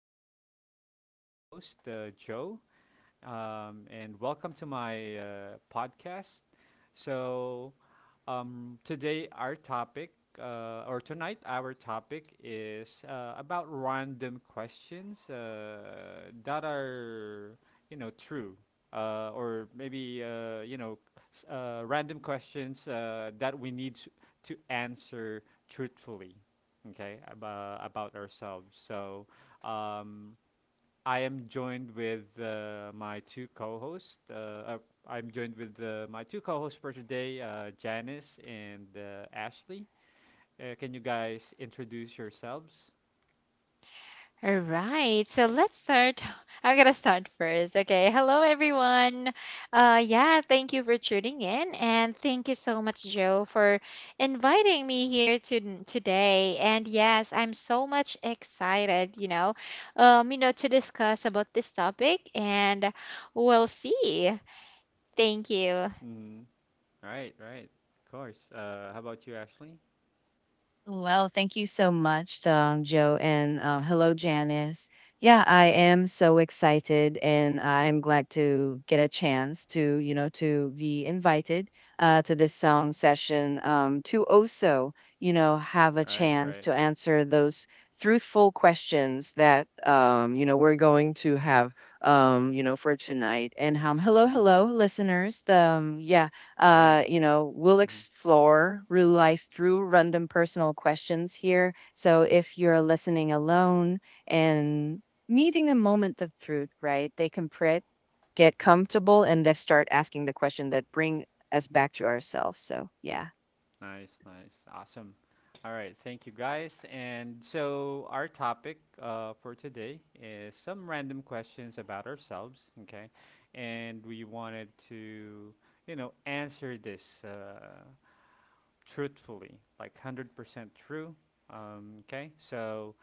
me again, your host, Joe. And welcome to my podcast. So, today, our topic, or tonight, our topic is about random questions that are, you know, true. Or maybe you know random questions that we need to answer truthfully, okay, about ourselves. Um, I am joined with my two co-hosts. I'm joined with my two co-hosts for today, Janice and Ashley. Can you guys introduce yourselves? All right, so let's start. I'm gonna start first. Okay, hello everyone. Yeah, thank you for tuning in, and thank you so much, Joe, for inviting me here to today. And yes, I'm so much excited. To discuss about this topic, and we'll see. Thank you. Mm. Right, right. Of course. How about you, Ashley? Well, thank you so much, Joe, and hello, Janice. Yeah, I am so excited, and I'm glad to get a chance to, you know, to be invited to this song session to also, you know, have a Right, chance right. to answer those truthful questions that, you know, we're going to have, you know, for tonight. And hello, Mm-hmm. hello, listeners. Yeah, All right. you know, we'll Mm-hmm. explore real life through random personal questions here. So if you're listening alone and needing a moment of truth, right, they can print, get comfortable, and then start asking the question that bring us back to ourselves. So yeah. Nice, nice. Awesome. All right, thank you guys. And so our topic for today is some random questions about ourselves, okay? And we wanted to, you know, answer this truthfully, like 100% true, okay? So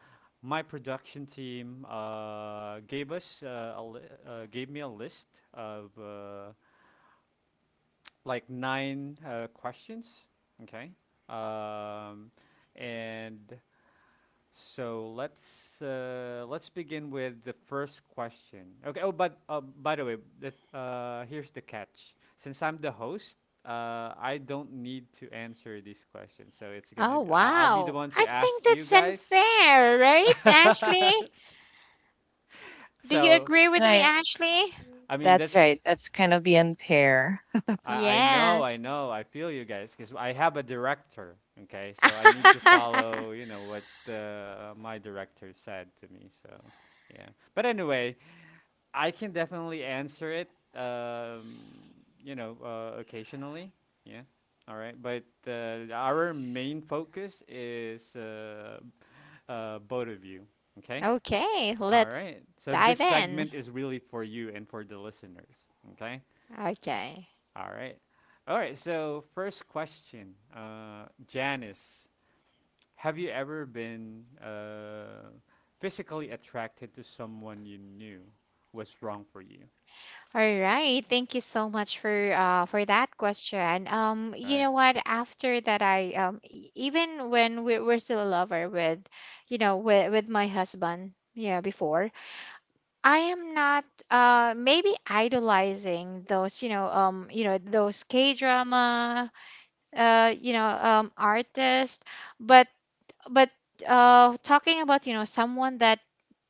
my production team gave us gave me a list of like nine questions. Okay. Um, and so let's begin with the first question. Okay. Oh, but by the way, here's the catch. Since I'm the host, I don't need to answer these questions. So it's gonna Oh be I'll be the wow, one to I think ask you that's guys. unfair, right, Ashley? Do you so, agree with me, Right. uh, Ashley? I mean That's that's right. That's kind of the end pair. I know, I Yes. know, I feel you guys because I have a director. Okay, so I Oh, need to follow, you know, what my director said to me. So yeah, but anyway, I can definitely answer it. Um, you know, occasionally. Yeah. All right, but our main focus is both of you. Okay. Okay, All let's right. So this dive in. segment is really for you and for the listeners. Okay. Okay. All right. All right. So, first question, Janice, have you ever been physically attracted to someone you knew was wrong for you? All right. Thank you so much for that question. You Right. know what? After that, even when we we're still a lover with, with my husband. Yeah, before I am not maybe idolizing those those K drama artists, but but talking about someone that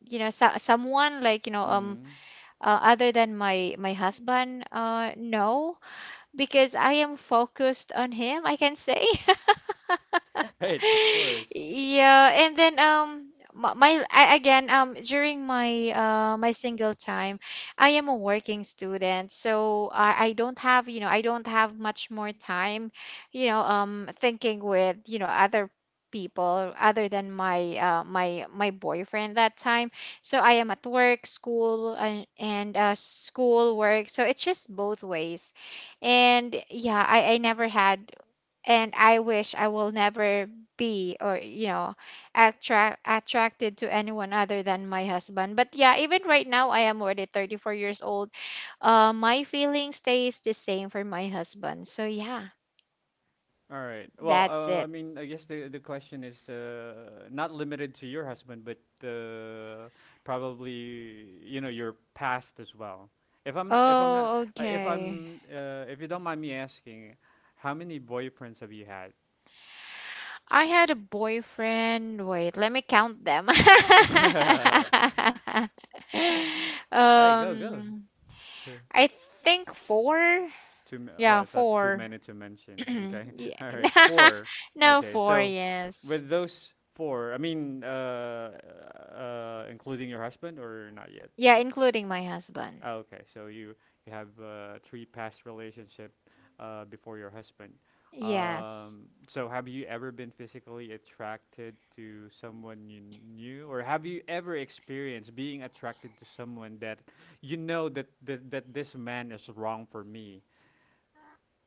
someone like Mm. Other than my husband, no, because I am focused on him, I can say. All right. Of course. Yeah, and then my I, again during my my single time, I am a working student, so I don't have, much more time, thinking with, other people other than my my boyfriend that time. So I am at work, school, and school work. So it's just both ways, and yeah, I never had, and I wish I will never be, or attracted to anyone other than my husband. But yeah, even right now I am already 34 years old. My feeling stays the same for my husband. So yeah, All right. Well, that's I it. mean, I guess the question is not limited to your husband, but probably you know your past as well. If I'm not, if I'm not, Oh, if okay. I'm, If you don't mind me asking, how many boyfriends have you had? I had a boyfriend. Wait, let me count them. Right, go go. um, I think four. Oh, Yeah, I thought too four. many to mention. Okay. Yeah. All right, four. No, Okay, four, so yes. with those four, including your husband or not yet? Yeah, including my husband. Oh, okay, so you have three past relationship before your husband. Yes. So have you ever been physically attracted to someone you knew, or have you ever experienced being attracted to someone that you know that this man is wrong for me?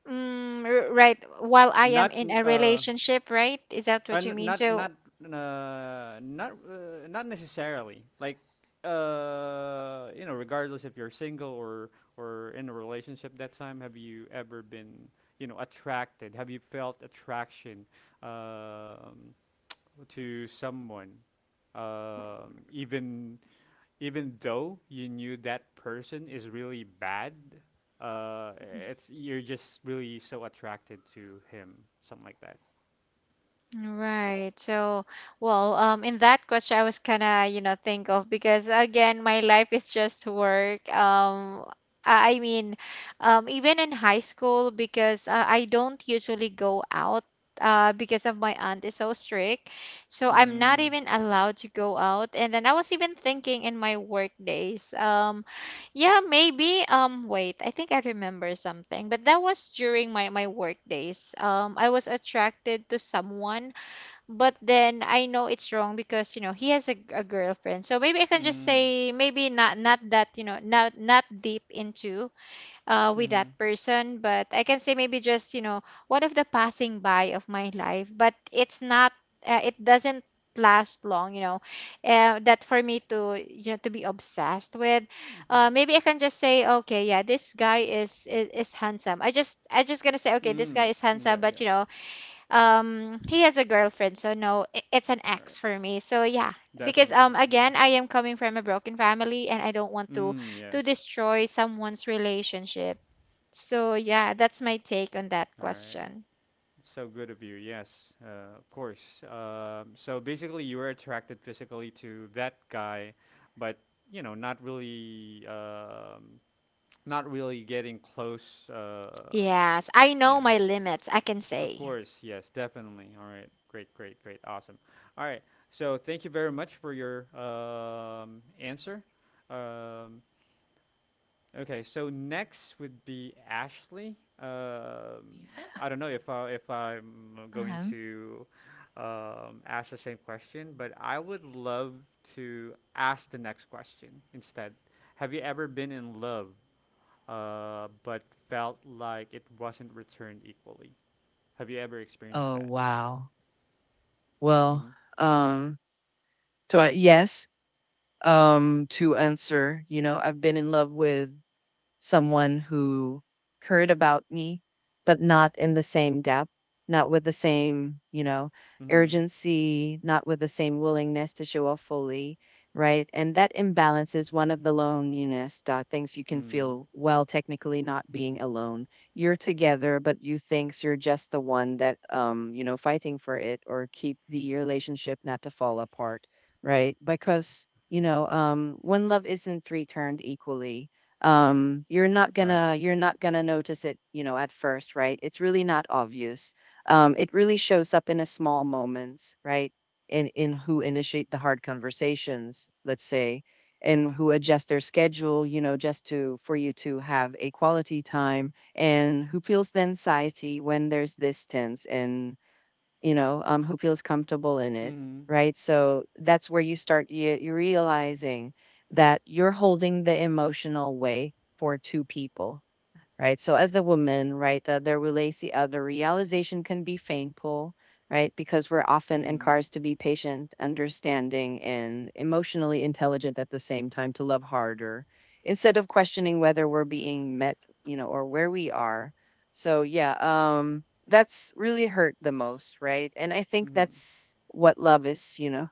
Right. While I am Not in n- a relationship, right? Is that what you n- mean? not not So, not Not necessarily. Like you know, regardless if you're single or in a relationship that time, have you ever been you know attracted? Have you felt attraction um, to someone, even though you knew that person is really bad? Uh, it's you're just really so attracted to him, something like that. right. So, well, in that question, I was kind of, think of, because again, my life is just work. I I mean, Even in high school, because I don't usually go out, because of my aunt is so strict. So I'm not Mm. even allowed to go out. And then I was even thinking in my work days. Yeah, maybe, wait, I think I remember something, but that was during my work days. I was attracted to someone, but then I know it's wrong because he has a girlfriend. So maybe I can just Mm. say maybe, not that, not deep into, with that Mm-hmm. person, but I can say maybe just, one of the passing by of my life. But it doesn't last long, that for me to, to be obsessed with. Uh, maybe I can just say, okay, yeah, this guy is handsome. I just gonna say, okay, this Mm, like guy is yeah, handsome, but yeah. He has a girlfriend, so no, it's an All ex right. for me, so yeah, because Definitely. Okay. again, I am coming from a broken family, and I don't want to Mm, yes. destroy someone's relationship. So yeah, that's my take on that All right. question. So good of you. Yes. Of course. So basically, you were attracted physically to that guy, but you know, not really, not really getting close. Yes, I know Yeah. my limits, I can Of say. course. Yes. Definitely. All right. Great. Great. Great. Awesome. All right. So thank you very much for your answer. Um, Okay, so next would be Ashley. Yeah. I don't know if I'm going Uh-huh. to ask the same question, but I would love to ask the next question instead. Have you ever been in love, but felt like it wasn't returned equally? Have you ever experienced Oh that? wow. Well, Mm-hmm. um, so I, yes, to answer, you know, I've been in love with someone who cared about me, but not in the same depth, not with the same, you know, Mm-hmm. urgency, not with the same willingness to show up fully, right? And that imbalance is one of the loneliness things you can Mm. feel well, technically not being alone. You're together, but you think you're just the one that, you know, fighting for it or keep the relationship not to fall apart, right? Because, you know, when love isn't returned equally, Right. You're not gonna notice it, you know, at first, right? It's really not obvious. It really shows up in a small moments, right? In who initiate the hard conversations, let's say, and who adjust their schedule, you know, just to for you to have a quality time, and who feels the anxiety when there's distance and you know, who feels comfortable in it, Mm-hmm. right? So that's where you start, you're realizing that you're holding the emotional weight for two people, right? So as a woman, right, the realization can be painful, right? Because we're often Mm-hmm. encouraged to be patient, understanding, and emotionally intelligent at the same time to love harder instead of questioning whether we're being met, you know, or where we are. So yeah, that's really hurt the most, right? And I think Mm-hmm. that's what love is, you know,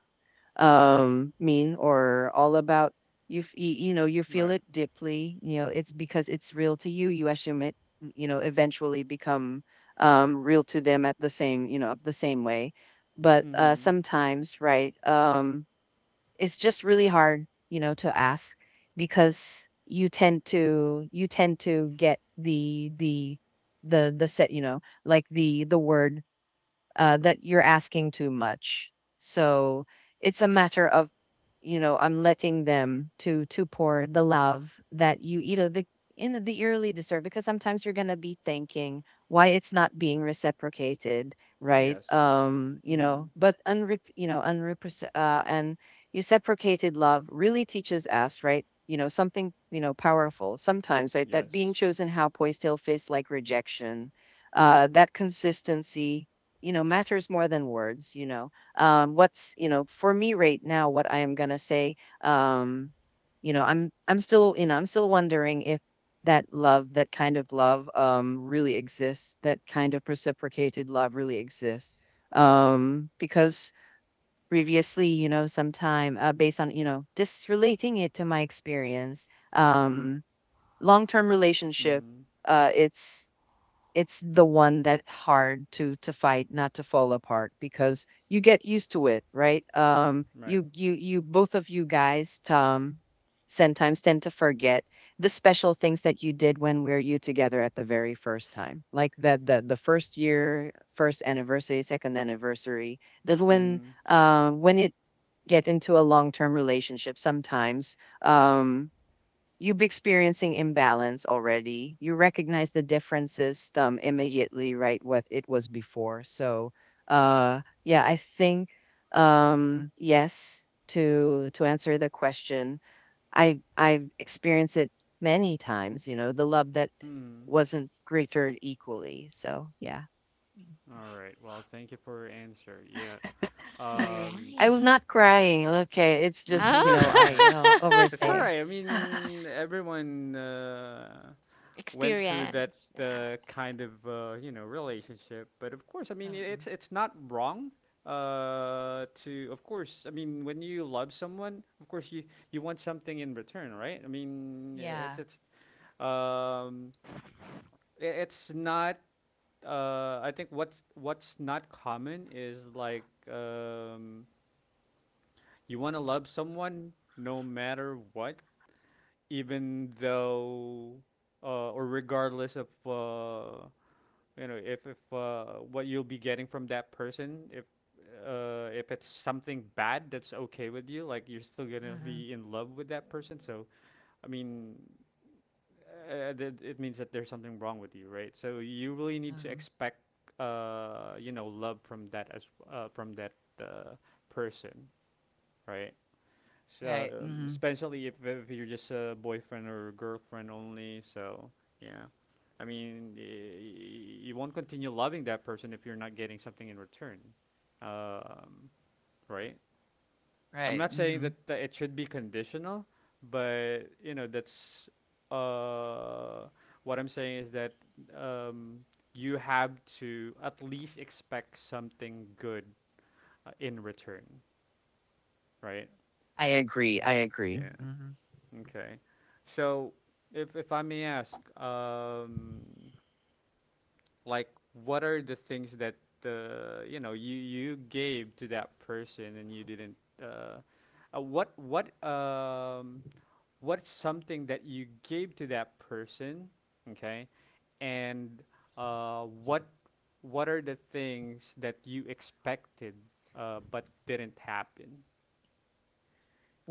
mean or all about. You know, you feel Right. it deeply, you know, it's because it's real to you, you assume it, you know, eventually become real to them at the same, you know, the same way. But uh, Mm-hmm. sometimes, right, it's just really hard, you know, to ask because you tend to get the set, you know, like the word that you're asking too much. So it's a matter of, you know, I'm letting them to pour the love that you know, the in the early deserve, because sometimes you're gonna be thinking why it's not being reciprocated, right? Yes. You Mm-hmm. know, but unre you know, unrepres and reciprocated love really teaches us, right? You know, something, you know, powerful sometimes, right? That being Yes. chosen how poised still feels like rejection. That consistency, you know, matters more than words, you know. What's, you know, for me right now, what I am going to say, um you know, i'm still, you know, I'm still wondering if that love, that kind of love, really exists, that kind of reciprocated love really exists, because previously, you know, sometime based on, you know, just relating it to my experience, um long term relationship, Mm-hmm. uh it's it's the one that hard to fight not to fall apart because you get used to it, right? Right. you you both of you guys sometimes tend to forget the special things that you did when we're you together at the very first time, like the first year, first anniversary, second anniversary. That when Mm. uh, when it get into a long-term relationship sometimes you've been experiencing imbalance already. You recognize the different system immediately, right? What it was before. So, yeah, I think yes, to answer the question, I've experienced it many times. You know, the love that Mm. wasn't greater equally. So yeah, All right. Well, thank you for your answer. Yeah. Um. I was Right. not crying. Okay, it's just, you Oh. know, I It's all overstay. right. I mean, everyone went through that Experience, yeah. Kind of you know relationship, but of course, I mean, Mm-mm. it's not wrong. To Of course, I mean, when you love someone, of course, you want something in return, right? I mean, Yeah. it's um, it's not I think what's not common is like you want to love someone no matter what, even though or regardless of you know if what you'll be getting from that person if it's something bad that's okay with you like you're still gonna Mm-mm. be in love with that person so I mean that it means that there's something wrong with you, right? So you really need to Mm-mm. expect, you know, love from that as from that uh, person, right? So Right. Mm-hmm. especially if you're just a boyfriend or girlfriend only, so yeah. I mean, you won't continue loving that person if you're not getting something in return, um, right? I'm Right. not saying Hmm. That it should be conditional, but you know that's uh what I'm saying is that um you have to at least expect something good in return, right? I agree. I agree. Yeah. Hmm. Okay. So if I may ask, like what are the things that the you know you gave to that person and you didn't uh, uh what what um what's something that you gave to that person okay and uh, what what are the things that you expected but didn't happen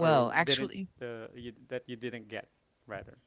or didn't actually, that you didn't get rather.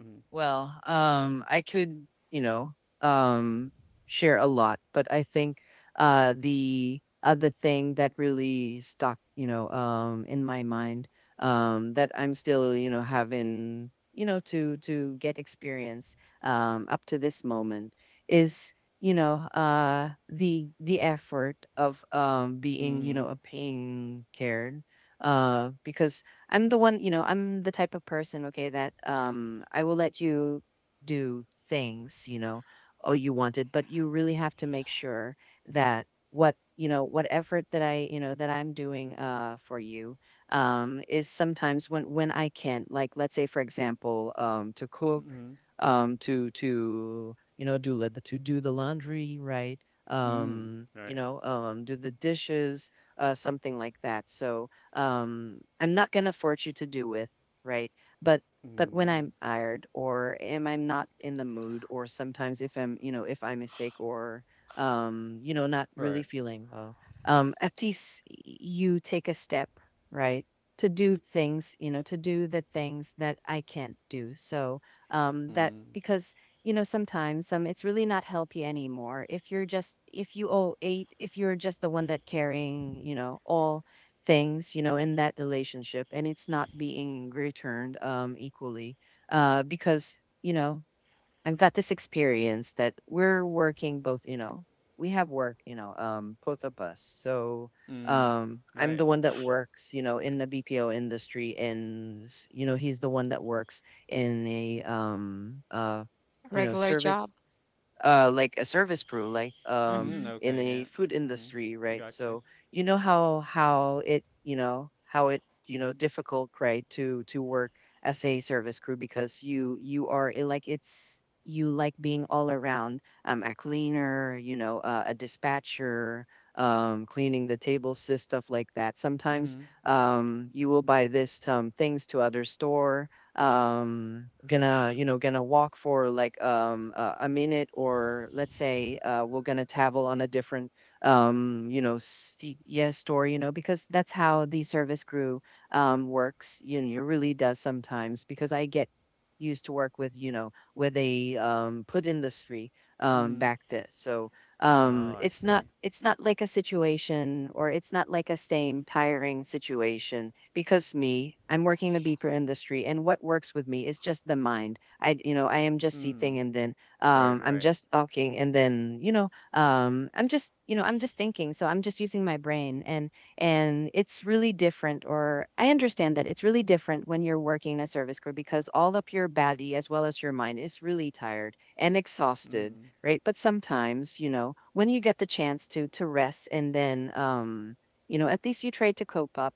Mm-hmm. Well, I could, you know, um, share a lot, but I think the other thing that really stuck, you know, in my mind, that I'm still, you know, having, you know, to get experience up to this moment is, you know, the effort of being, you know, Mm-hmm. a paying cared, because I'm the one, you know, I'm the type of person, okay, that I will let you do things, you know, oh you wanted, but you really have to make sure that what, you know, what effort that i, you know, that I'm doing uh, for you is sometimes when I can. Like let's say for example, to cook, Mm-hmm. To you know do let the to do the laundry, right? Mm. Right. Do the dishes, uh, something like that. So I'm not going to force you to do with, right? but but when Mm. I'm tired, or am I'm not in the mood, or sometimes if i'm, you know, if I'm sick or you know, not really Right. feeling well, at least you take a step, right, to do things, you know, to do the things that I can't do. So that Mm. because, you know, sometimes some it's really not healthy anymore if you're just, if you owe eight, if you're just the one that carrying, you know, all things, you know, in that relationship and it's not being returned equally. Uh, because, you know, I've got this experience that we're working both, you know, we have work, you know, both of us. So Mm. I'm Right. the one that works, you know, in the BPO industry, and you know, he's the one that works in a you know, Regular service job. Like a service crew, like Mm. Mm-hmm. in Okay. a Yeah. food Mm-hmm. industry, right? Gotcha. So, you know, how it, you know, how it, you know, difficult, right, to work as a service crew, because you are it, like it's you like being all around a cleaner, you know, a dispatcher, cleaning the tables, sis, stuff like that. Sometimes Mm-hmm. You will buy this things to other store. Gonna, you know, gonna walk for like a minute, or let's say uh, we're gonna travel on a different you know CES store, you know, because that's how the service crew works, you know, it really does sometimes, because I get used to work with, you know, with a put industry Mm-hmm. back then. So Oh, I it's not, see. it's not like a situation, or it's not like a same tiring situation, because me, I'm working the beeper industry, and what works with me is just the mind. I, you know, I am just Mm. sitting, and then Right, I'm right. just talking, and then, you know, I'm just, you know, I'm just thinking. So I'm just using my brain, and it's really different. Or I understand that it's really different when you're working as service crew, because all up your body as well as your mind is really tired and exhausted, Mm. right? But sometimes, when you get the chance to rest and then at least you try to cope up,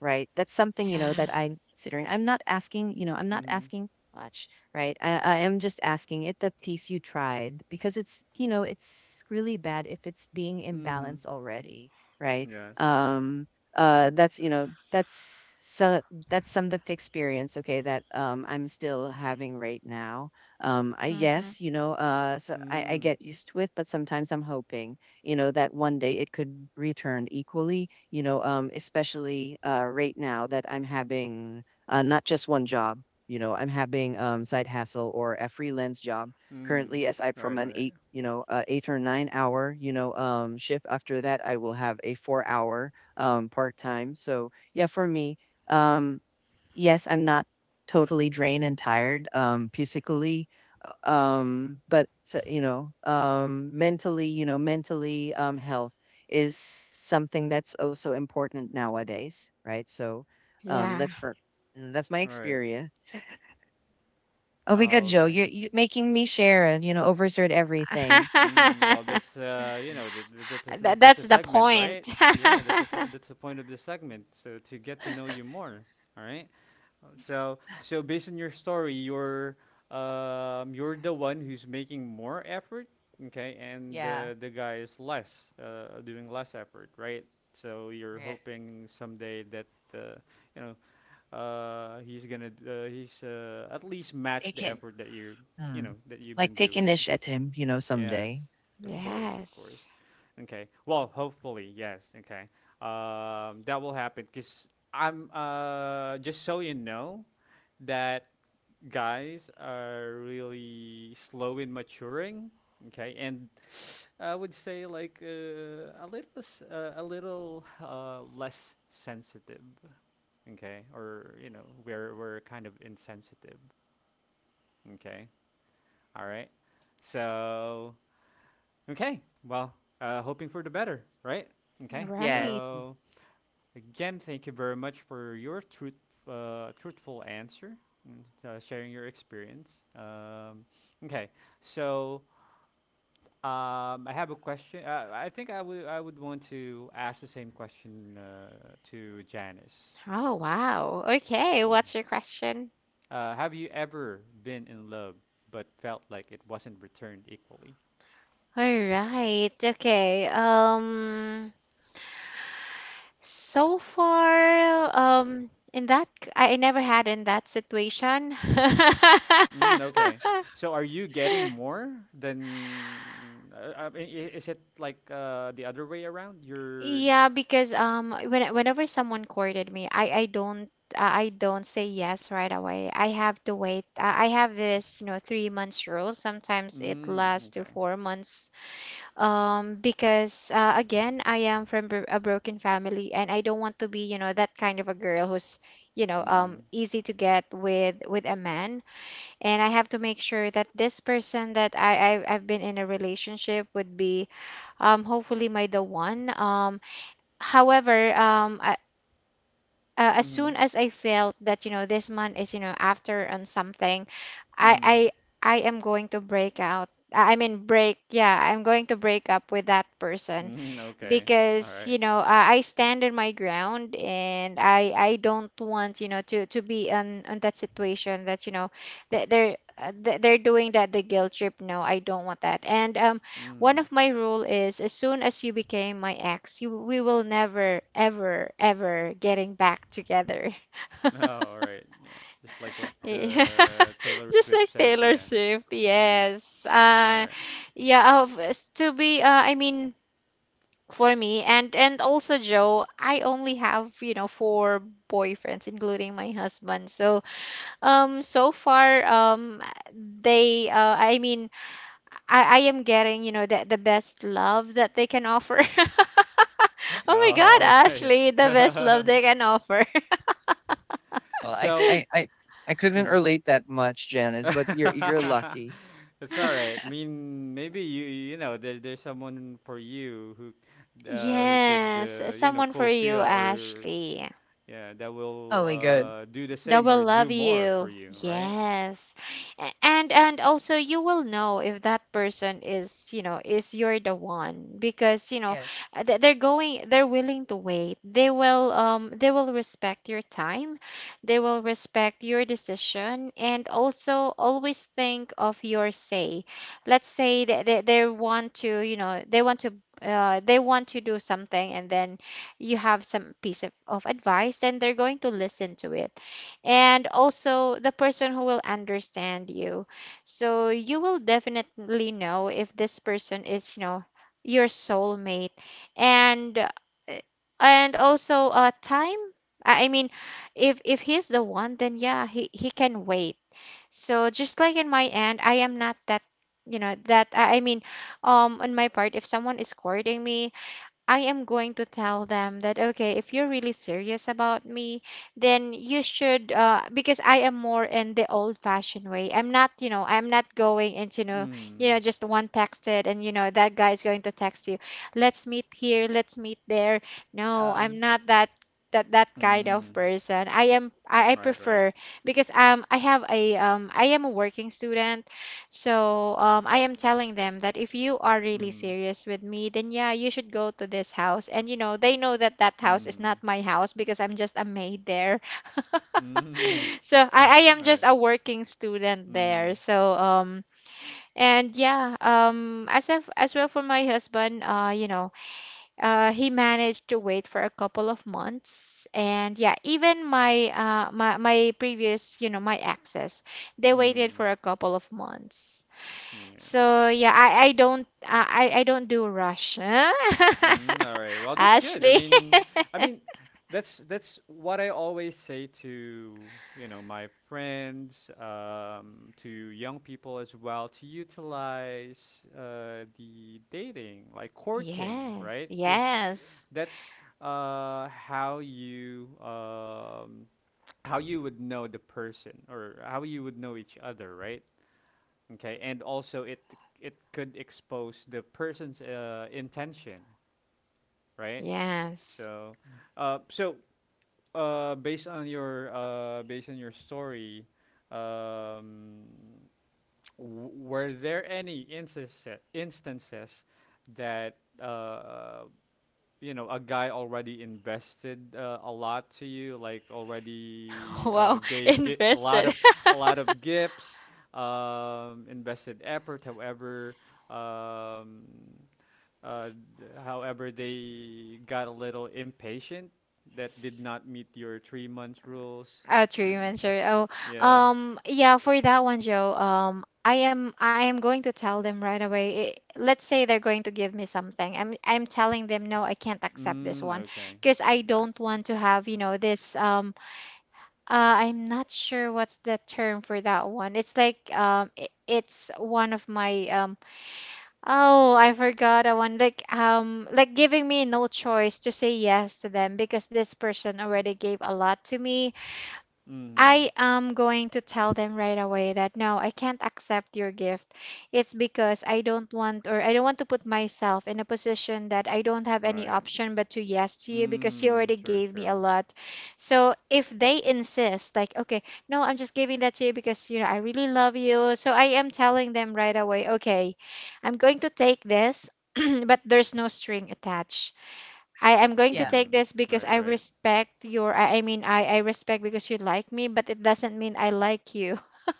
right? That's something, Yeah. that I'm considering. i'm not asking you know i'm not Mm-hmm. asking much, right? I am just asking it the piece you tried because it's you know it's really bad if it's being Mm-hmm. imbalanced already, right? Yes. um that's you know that's so That's some of the experience, okay, that I'm still having right now. I Mm-hmm. Yes. So I Mm. get used to it, but sometimes I'm hoping that one day it could return equally. Especially right now that I'm having not just one job. I'm having side hustle or a freelance job Mm. currently, aside from Right, an right. 8 or 9 hour shift. After that I will have a 4 hour part time. So yeah, for me. um Yes, I'm not totally drained and tired, physically. But so, you know mentally you know mentally health is something that's also important nowadays, right? So, um Yeah. that's for that's my Right. experience. Oh my God, Oh, Joe, okay. you're making me share and overshared everything. Mm, well, that's I- you know, That, that's that's a the segment, point. right? Yeah, This is that's the point of the segment. So to get to know you more, all right? So based on your story, you're the one who's making more effort, okay, and Yeah, the guy is less doing less effort, right? So you're right, hoping someday that uh, you know he's at least it match the can, effort that you mm, know that you've like been take doing. initiative, Yes, someday. of Mm. course, of Yes. course. Okay. Well, hopefully, yes. Okay. That will happen because I'm just so you know that guys are really slow in maturing. Okay, and I would say like a little less sensitive. Okay, or you know we're kind of insensitive. Okay, all right. So Okay. Well, hoping for the better, right? Okay. Yeah. Right. So again, thank you very much for your truthful answer, and sharing your experience. Okay. So I have a question. I think I would want to ask the same question to Janice. Oh, wow. Okay. Yeah. What's your question? Have you ever been in love but felt like it wasn't returned equally? All right. Okay. So far, in that, I never had in that situation. Mm, okay. So are you getting more than I mean, is it like the other way around? You're Yeah, because whenever someone courted me, I don't say yes right away. I have to wait. I have this, you know, 3 months rule. Sometimes it mm, lasts to okay. 4 months. Because again, I am from a broken family, and I don't want to be, that kind of a girl who's, Mm. easy to get with a man, and I have to make sure that this person that I've been in a relationship would be, hopefully, my the one. However, I, as soon Mhm. as I felt that, this man is, after on something, i Mhm. i I am going to break out. I'm going to break up with that person, Mhm. Okay. All because right. I stand on my ground, and I don't want, to be on that situation that, that they're, they're doing that the guilt trip. No, I don't want that. And one Mhm. of my rule is, as soon as you became my ex, you we will never, ever, ever getting back together. Oh, all right. Yeah. Just like what Yeah. Taylor Just Swift like said. Taylor Yeah. Swift, Yeah. yes. All right. Yeah. Of, to be, I mean, for me, and also, Joe, I only have, four boyfriends, including my husband. So, so far, they, I mean, I am getting, the best love that they can offer. Oh my Oh, god, okay. Ashley, the best love they can offer. Well, I So, I I I couldn't mm. relate that much, Janice, but you're lucky. It's all right. I mean, maybe you know there there's someone for you who could Yes, you know someone for you, fulfill or Ashley. yeah that Oh will my God. Do the That same will or do love more for you. you, right? Yes. And also, you will know if that person is, is, you're the one, because, Yes. They're willing to wait. They will respect your time. They will respect your decision, and also always think of your say. Let's say that they want to, you know, they want to do something, and then you have some piece of advice, and they're going to listen to it, and also the person who will understand you. So you will definitely know if this person is your soulmate. And uh, and also, time. I mean, if he's the one, then yeah, he can wait. So just like in my end, I am not that, that I mean, on my part, if someone is courting me, I am going to tell them that, okay, if you're really serious about me, then you should, because I am more in the old-fashioned way. I'm not, I'm not going into, Mm. Just one texted, and, that guy is going to text you. Let's meet here, let's meet there. No, I'm Um not that kind of Mm. person. I Right. Right. prefer, because I am a working student. So, I am telling them that if you are really Mm. serious with me, then yeah, you should go to this house. And, they know that that house is Mm. not my house, because I'm just a maid there. Mm. So I am Right. just a working student there. Mm. So, and yeah, as well for my husband, he managed to wait for a couple of months. And yeah, even my previous, my exes, they waited Mm. for a couple of months. Yeah. So yeah, I don't do Russia. Mm, all right. Well, that's good. Ashley. I mean, that's what I always say to, you know, my friends, to young people as well, to utilize the dating, like courting, Yes, right? Because yes, that's how you how you would know the person or how you would know each other, right? Okay, and also it could expose the person's intention, right? yes. So, uh, so Based on your based on your story, um, were there any instances that you know a guy already invested a lot to you like already Wow, a lot invested. of gifts invested effort however um, uh, however they got a little impatient that did not meet your 3 months rules Oh, 3 months, and or oh, yeah yeah, for that one, Joe. I am going to tell them right away. I Let's say they're going to give me something. I'm telling them no, I can't accept this mm, one, okay because I got don't you want to have, this. I'm not sure what's the term for that one. It's one of my. Oh, I forgot a one. Like giving me no choice to say yes to them, because this person and- already gave a lot to me. mm, I am going to tell them right away that no, I can't accept your gift. It's because I don't want, or I don't want to put myself in a position that I don't have any right option but to yes to you because you mm, already true gave me a true lot. So if they insist, like, okay, no, I'm just giving that to you because, you know, I really love you. So I am telling them right away, okay, I'm going to take this, but there's no string attached. I am going to yeah. take mm, this because right I right. respect your, I mean, I respect, because you like me, but it doesn't mean I like you.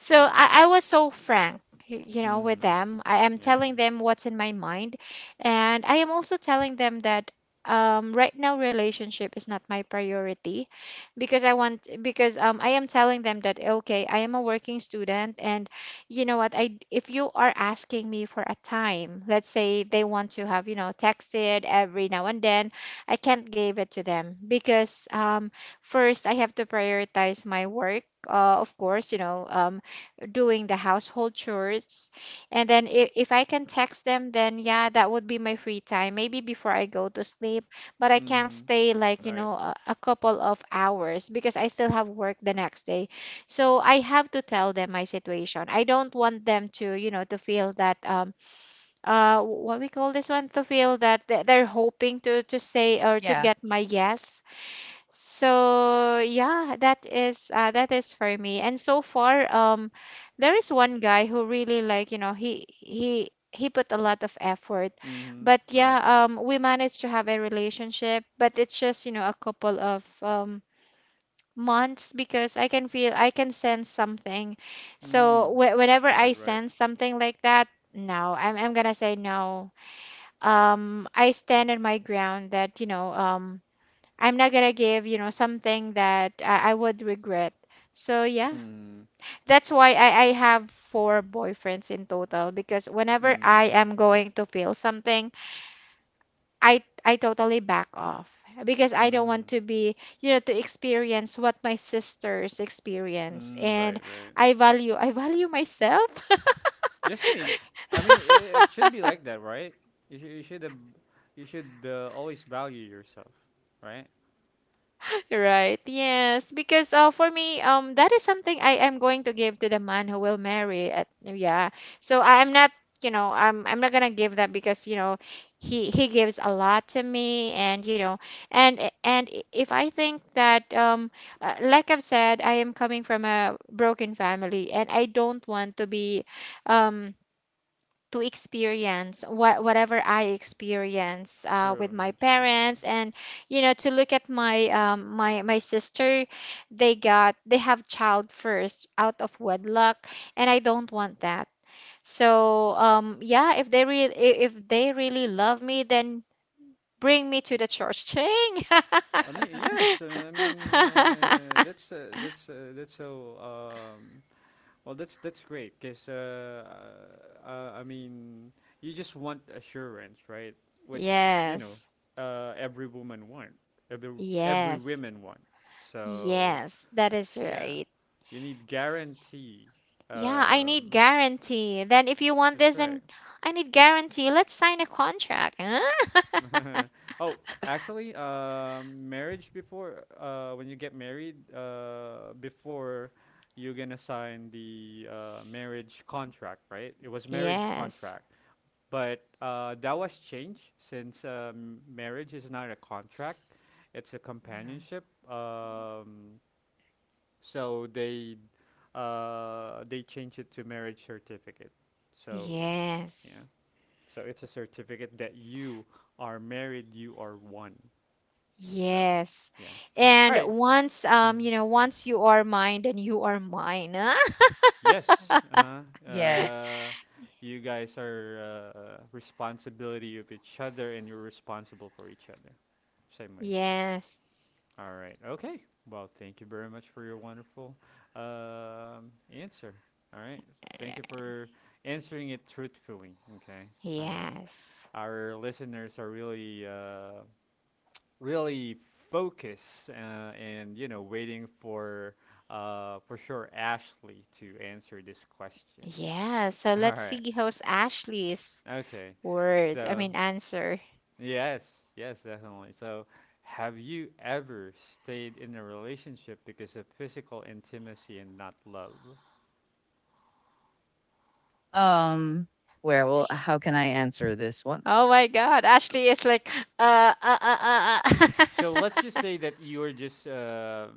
So Mm. I was so frank with Mhm. them. I am Yeah, telling yeah. them what's in my mind. And I am also telling them that right now relationship is not my priority because I want, because I am telling them that, okay, I am a working student, and you know what I if you are asking me for a time, let's say they want to have, you know, texted every now and then, I can't give it to them because first I have to prioritize my work, of course, you know, doing the household chores. And then if I can text them, then yeah, that would be my free time, maybe before I go to sleep. But I can't Mhm. stay like, you Right. know, a couple of hours because I still have work the next day. So I have to tell them my situation. I don't want them to, you know, to feel that, what we call this one, to feel that they're hoping to say or to Yeah. get my yes. So yeah, that is for me. And so far, there is one guy who really like, you know, he put a lot of effort. Mhm. But Right. yeah, we managed to have a relationship, but it's just, you know, a couple of months because I can feel, I can sense something. So Mm. Whenever I Right, right. sense something like that, no, I'm gonna say no. I stand on my ground that, you know, I'm not gonna give, you know, something that I would regret. So yeah, Mm. that's why I have four boyfriends in total, because whenever I Mm. am going to feel something, I totally back off because I don't want Mm. to be, you know, to experience what my sisters experience. Mm. Right, And right. I value myself. Yes, I mean, it should be like that, right? You should, you should, ab you should always value yourself, right? Right. Yes, because for me, that is something I am going to give to the man who will marry. At, yeah. So I am not, you know, I'm not gonna give that because, you know, he gives a lot to me, and you know, and if I think that, like I've said, I am coming from a broken family, and I don't want to be, um to experience what whatever I experience with True. Yeah, my true. parents. Yeah. And you know, to look at my my my sister, they got they have child first out of wedlock, and I don't want that. So yeah, if they really, if they really love me, then bring me to the church ching. I mean, yes. I mean, that's so Well, that's great because I mean, you just want assurance, right? Which, yes. Every woman want, every every Yes. women want. So Yes, that is yeah, right. you need guarantee. Yeah, I need Um, guarantee. Then if you want that's this right. and I need guarantee, let's sign a contract. Huh? Oh, actually, marriage before when you get married, before you're gonna sign the marriage contract, right? It was marriage Yes. contract. But that was changed since marriage is not a contract, it's a Mhm. companionship. Um, so they changed it to marriage certificate. So yeah, Yes. so it's a certificate that you are married, you are one. So Yes. yeah, all And right. once Mhm. you know, once you are mine, then you are mine. Huh? and- Yes, uh-huh. Yes. You guys are responsibility of each other, and you're responsible for each other. Same way, yeah. Yes. All right. Okay. Well, thank you very much for your wonderful answer. All right. Thank you for answering it truthfully. Okay. All right. Yes. Our listeners are really focused, and waiting for sure Ashley to answer this question. Yeah. So All let's right. see how's Ashley's Okay. words. I So mean answer. yes, yes, definitely. So, have you ever stayed in a relationship because of physical intimacy and not love? Um Where, well, how can I answer this one? Oh my God, Ashley is like uh uh uh uh. So, let's just uh. say that you're just,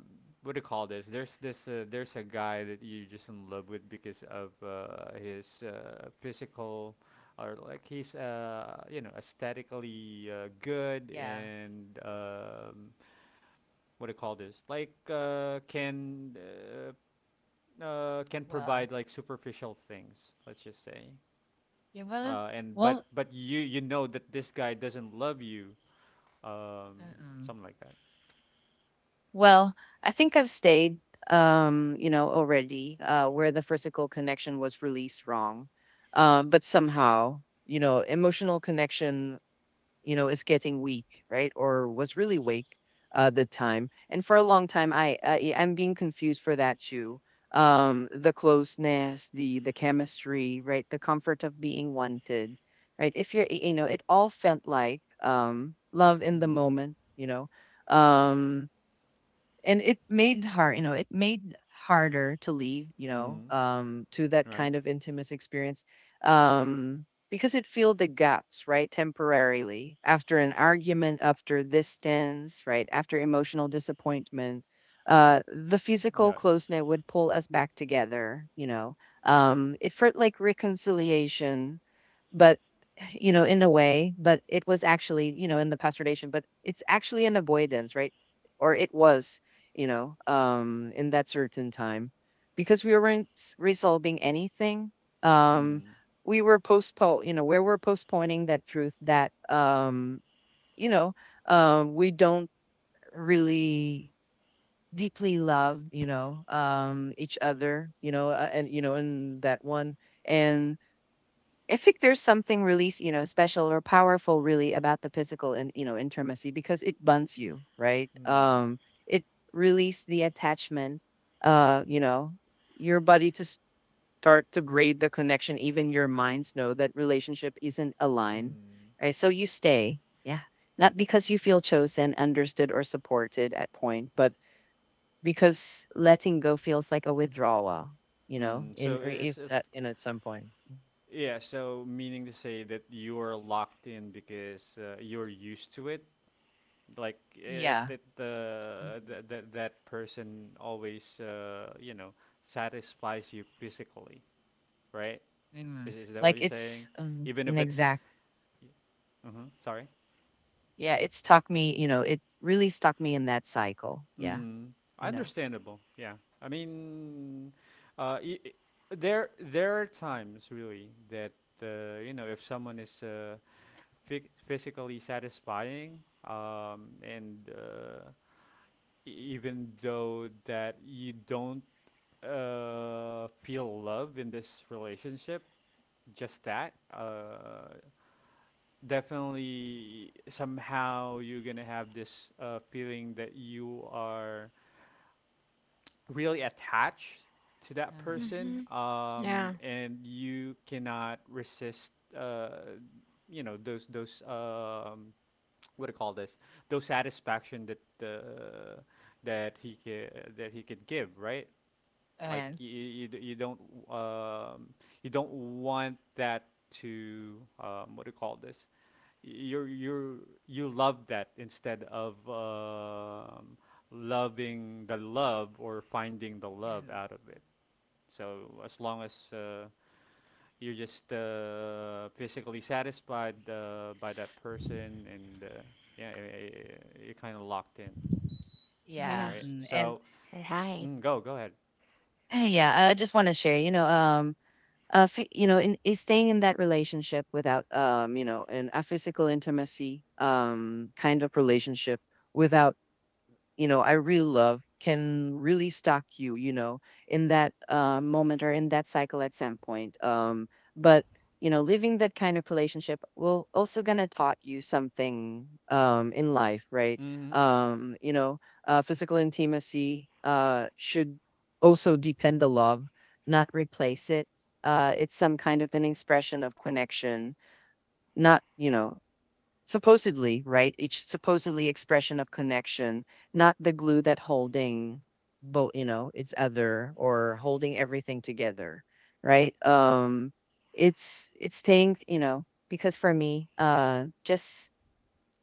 what do you call this? There's a guy that you're just in love with because of his physical, or like he's aesthetically good, Yeah. and what do you call this? Like, can Well. provide like superficial things, let's just say. Yeah, well. And but Well, but you know that this guy doesn't love you, um, mm-mm. something like that. Well, I think I've stayed. Already, where the physical connection was released wrong. But somehow, emotional connection, is getting weak, right? Or was really weak the time. And for a long time, I'm being confused for that too. The closeness, the chemistry, right? The comfort of being wanted, right? If you're, it all felt like, love in the Mm-hmm. moment. Um, and it made harder to leave, Mm-hmm. To that Right? kind of intimate experience. um because it filled the gaps, right, temporarily, after an argument, after distance, right, after emotional disappointment, the physical Yes. closeness would pull us back together, it felt like reconciliation. But, in a way, but it was actually, in the pasteurization, but it's actually an avoidance, right? Or it was, in that certain time because we weren't resolving anything. Um, Mm. We were postponing that truth that, you know, we don't really deeply love, each other, in that one. And I think there's something really, special or powerful really about the physical and, intimacy, because it bonds you, right? Mm. It release the attachment, uh, you know, your body to start to grade the connection. Even your minds know that relationship isn't aligned, Mm. right? So you stay. Yeah. Not because you feel chosen, understood, or supported at point, but because letting go feels like a withdrawal, Mm. in, So or I- if it's that, in at some point. yeah. So meaning to say that you are locked in because you're used to it. Like it, Yeah. it uh, th- th- that person always satisfies you physically, right? Is, Mm. is that what Like you're saying? it's, Even if an it's, exact. Sorry. Yeah, it really stuck me in that cycle. Yeah, Mm, you know, understandable. Yeah. I mean, uh, i i- there are times really that if someone is physically satisfying, and even though that you don't feel love in this relationship, just that. Definitely somehow you're gonna have this feeling that you are really attached to that hmm. person, hmm. Yeah. and you cannot resist uh, those what do you call this, those satisfaction that that he ca- that he could give, right? Like And um, you don't want that to, what do you call this? You're you're you love that instead of loving the love or finding the love and out of it. So as long as you're just physically satisfied by that person, and yeah, you're kind of locked in. Yeah, Yeah. yeah. right. And So, Right. Go ahead. Yeah, I just want to share, in, is staying in that relationship without, in a physical intimacy, kind of relationship without, I really love can really stalk you, in that, moment or in that cycle at some point. But, living that kind of relationship will also gonna taught you something, in life, right? Mm-hmm. Um, you know, Physical intimacy should also depend the love, not replace it. It's some kind of an expression of connection, not, supposedly, right? It's supposedly expression of connection, not the glue that holding both, it's other, or holding everything together, right? It's staying, because for me, just,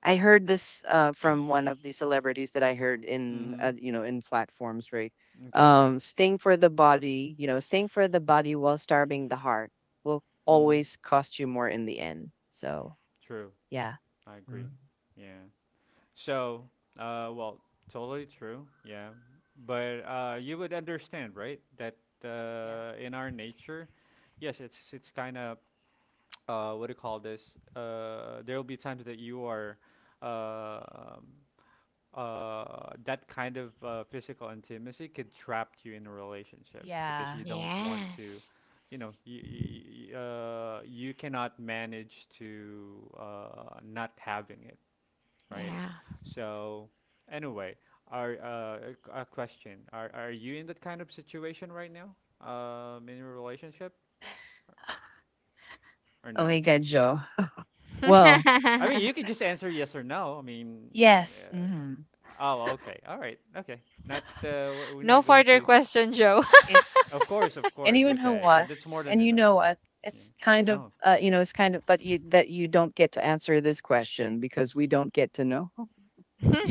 I heard this from one of the celebrities that I heard in, Mm-hmm. In platforms, right? Okay. Staying for the body while starving the heart will Mm, always cost you more in the end. So true. yeah. I agree. Mm. Yeah. So, well, totally true. Yeah. But you would understand, right? That in our nature, yes, it's kind of— what do you call this? There will be times that you are uh, um, that kind of physical intimacy could trap you in a relationship because Yeah. you don't want to, Yes. You cannot manage to not having it, right? Yeah. So anyway, our, a question: are you in that kind of situation right now, in your relationship, or Oh no? my God, Joe. Well, I mean, you could just answer yes or no. I mean, yes. uh, Hmm. oh, okay, all right, okay. Not, we're no not going further to— question, Joe. It, Of course, of course. anyone who Okay, yeah, wants, that's more than and you enough. know what? Yeah. It's kind of, Oh, but you, that you don't get to answer this question because we don't get to know.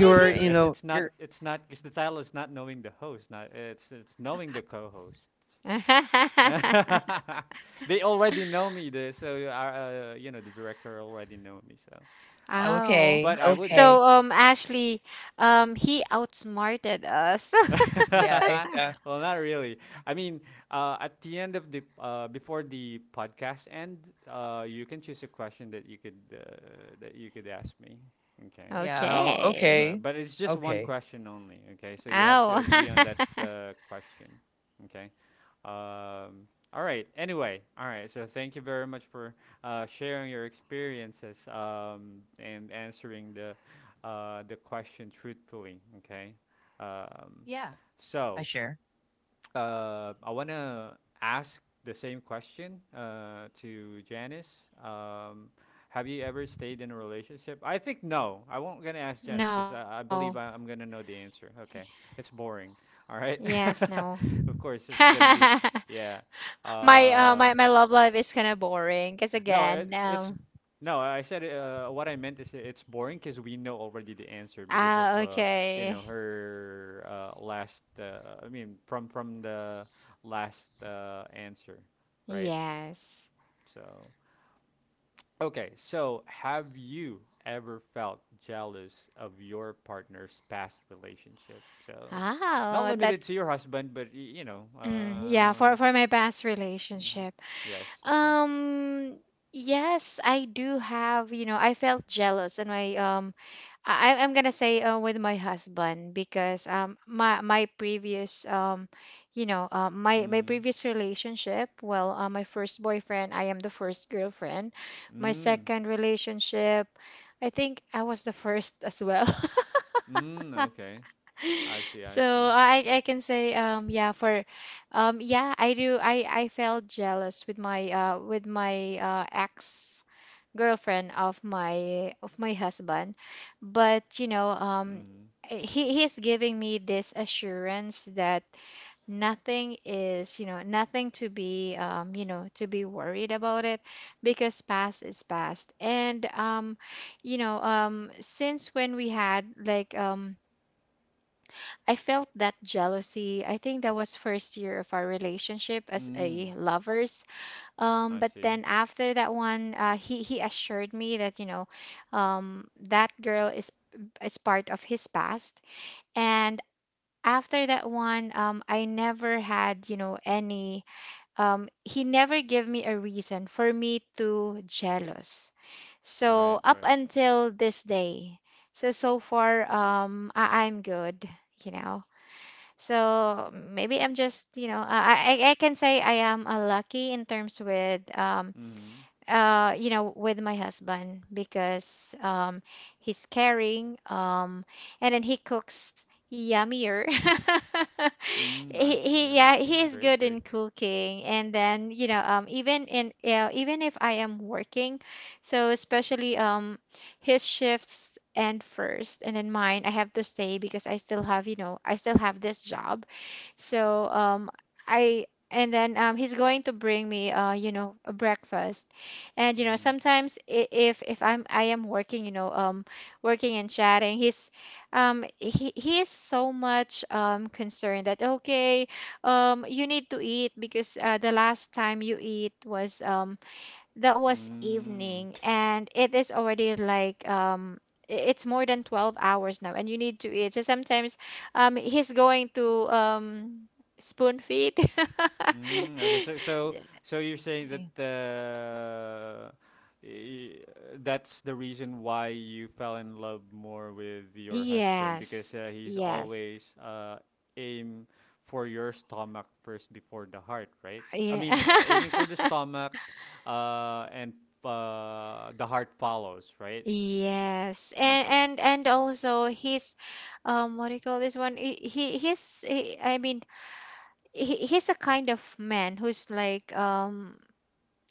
oh, yeah. It's it's You're, not it's not because the title is not knowing the host. Not, it's knowing the co host They already know me. The so you know the director already know me. So, uh, Oh, okay, but I would. okay. so Ashley, he outsmarted us. Yeah, Well, not really. I mean, at the end of the before the podcast end, you can choose a question that you could ask me. Okay. yeah, oh, Okay. Okay, But it's just one okay. question only, okay? So you have to Oh, agree on that question, okay? Um, all right. Anyway, all right. So thank you very much for sharing your experiences, and answering the the question truthfully, okay? Um, Yeah, I so, share. I want to ask the same question to Janice. Have you ever stayed in a relationship? I think no. I won't gonna ask Janice no. because I believe I'm gonna know the answer. Okay, it's boring. All right. Yes, no. Of course, it's gonna My be, yeah. my my Um, love life is kind of boring. Cause no, again, it's no. I said, what I meant is it's boring because we know already the answer because of, ah, okay. Her last. I mean, from the last answer, right? Yes. So okay. So have you ever felt jealous of your partner's past relationship? So, not Oh, limited to that's your husband, but you know. Mm, yeah, for my past Mhm. relationship. Yes, that's right. Um, yes, I do have, you know, I felt jealous, and my, I'm gonna say with my husband because my my previous you know, my my Mm. previous relationship, well, my first boyfriend, I am the first girlfriend. My Mm. second relationship, I think I was the first as well. Mm. Okay. I see, I So see. I can say yeah for yeah I do I felt jealous with my ex girlfriend of my husband. But you know, Mm. he he's giving me this assurance that nothing is, you know, nothing to be you know, to be worried about it, because past is past. And you know, since when we had like, I felt that jealousy. I think that was first year of our relationship as a Mm. lovers. I But see. then after that one, he assured me that, you know, that girl is part of his past. And after that one, I never had, you know, any. He never gave me a reason for me to jealous. So Right, up right. until this day, so so far, I I'm good. You know. So maybe I'm just, you know, I can say I am lucky in terms with Mm. You know, with my husband because he's caring, and then he cooks yummier. Mm. I see, he I yeah see. he is Great, good great. in cooking. And then you know, even in even if I am working, so especially his shifts end first and then mine, I have to stay because I still have, you know, I still have this job. So I, and then he's going to bring me, you know, a breakfast. And you know, Mm. sometimes if I'm, I am working, you know, working and chatting, he's he is so much concerned that okay, you need to eat because the last time you eat was that was Mm. evening, and it is already like it's more than 12 hours now, and you need to eat. So sometimes he's going to spoon feed. Mm, okay, so you're saying that I, y- that's the reason why you fell in love more with your husband Yes. because he's Yes. always, aim for your stomach first before the heart, right? I Yeah. mean, aiming for the stomach, and the heart follows, right? Yes. And Okay. Also he's what do you call this one? He, I mean he, he's a kind of man who's like,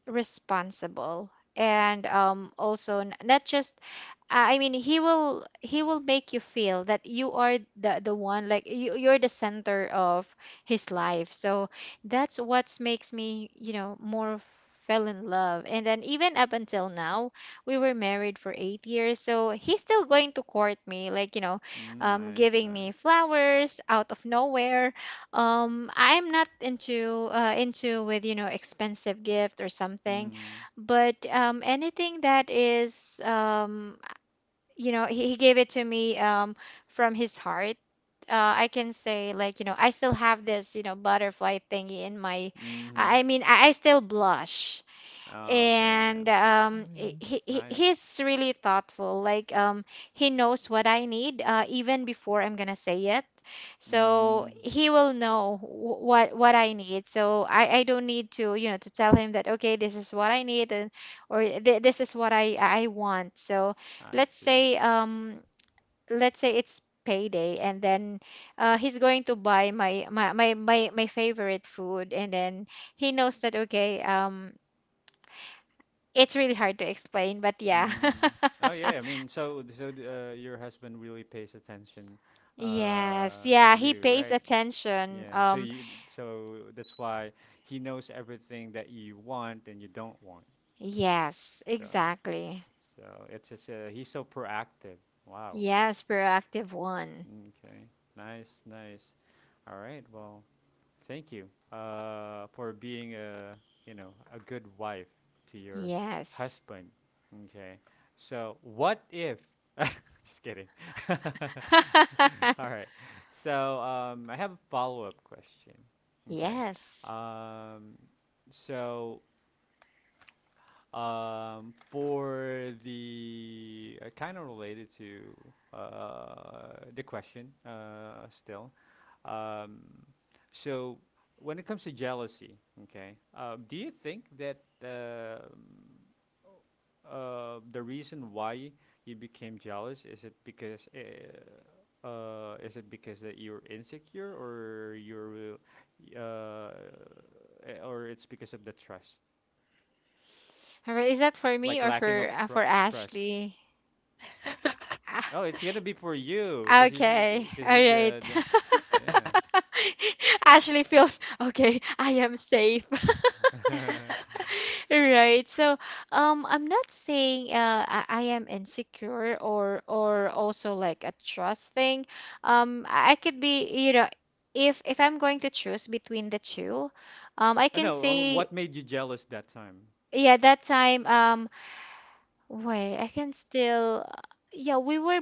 responsible, and also not just I mean he will, he will make you feel that you are the one, like you, you're the center of his life. So that's what makes me, you know, more fell in love. And then even up until now, we were married for 8 years, so he's still going to court me, like, you know, Mm, nice, giving me nice. flowers out of nowhere. Um, I'm not into, into with, you know, expensive gift or something, Mhm. but anything that is, you know, he gave it to me, from his heart. I can say like, you know, I still have this, you know, butterfly thingy in my. Mhm. I mean I still blush. Oh, okay, yeah. And I mean, he Nice. he's really thoughtful. Like, he knows what I need, even before I'm gonna say it. So Mm, he will know what I need. So I don't need to, you know, to tell him that okay, this is what I need, and or this is what I want. So I let's see. say um, let's say it's payday, and then, he's going to buy my favorite food. And then he knows that okay, it's really hard to explain, but yeah. Mm. Oh yeah, I mean, so, your husband really pays attention, Yes, to yeah, he you, pays right? attention. Yeah. So you so that's why he knows everything that you want and you don't want. Yes, So exactly. so it's just, he's so proactive. Wow. Yes, proactive one. Okay. Nice, nice. All right. Well. Thank you, for being a good wife to your Yes. husband. Okay, so what if? Just kidding. All right. So, I have a follow-up question. Okay. Yes. Um, so, for the, kind of related to, the question, still. Um, so, when it comes to jealousy, okay, do you think that, the reason why you became jealous, is it because that you're insecure, or you're, uh, or it's because of the trust, All right, is that for me like or lacking of for trust Ashley? Ah, Oh, it's gonna be for you, cause you, okay. cause All you right. the, yeah. Ashley feels okay. I am safe. Right. So, I'm not saying I am insecure, or also like a trust thing. I could be, you know, if I'm going to choose between the two, I I can know. Say, What made you jealous that time? yeah, that time, wait, I can still, yeah, we were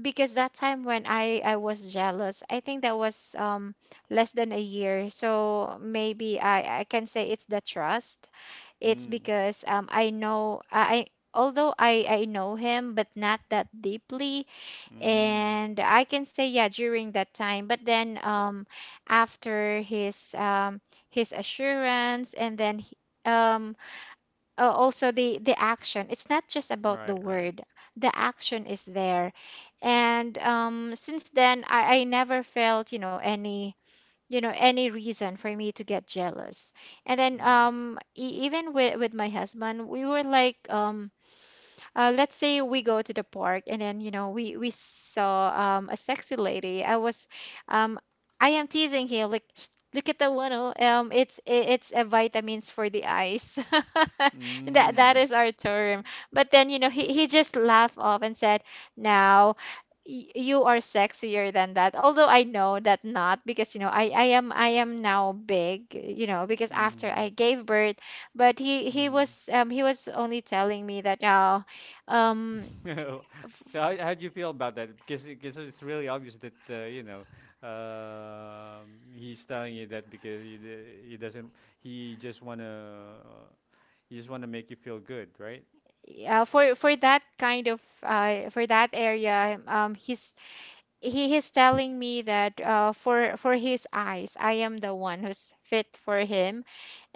because that time when I was jealous, I think that was less than a year. So maybe I can say it's the trust. It's Mm. because I know although I know him, but not that deeply. Mm. And I can say yeah, during that time, but then um, after his um, his assurance, and then um also the action, it's not just about the Right. Right. word, the action is there. And um, since then, I never felt, you know, any, you know, any reason for me to get jealous. And then Mm. Even with my husband, we were like, let's say we go to the park, and then you know, we saw, a sexy lady. Um, I am teasing him like, "Shh, look at the one. Oh, um, it's it's a vitamins for the eyes." that that is our term. But then, you know, he just laughed off and said now, you are sexier than that, although I know that, not because, you know, I am now big, you know, because after Mm. I gave birth. But he Mm. was um, he was only telling me that now um Mm. f- So, how do you feel about that? Because it's really obvious that, um he's telling you that because he doesn't, he just wanna he just wanna make you feel good, right? For that kind of for that area His. He is telling me that, for his eyes, I am the one who's fit for him,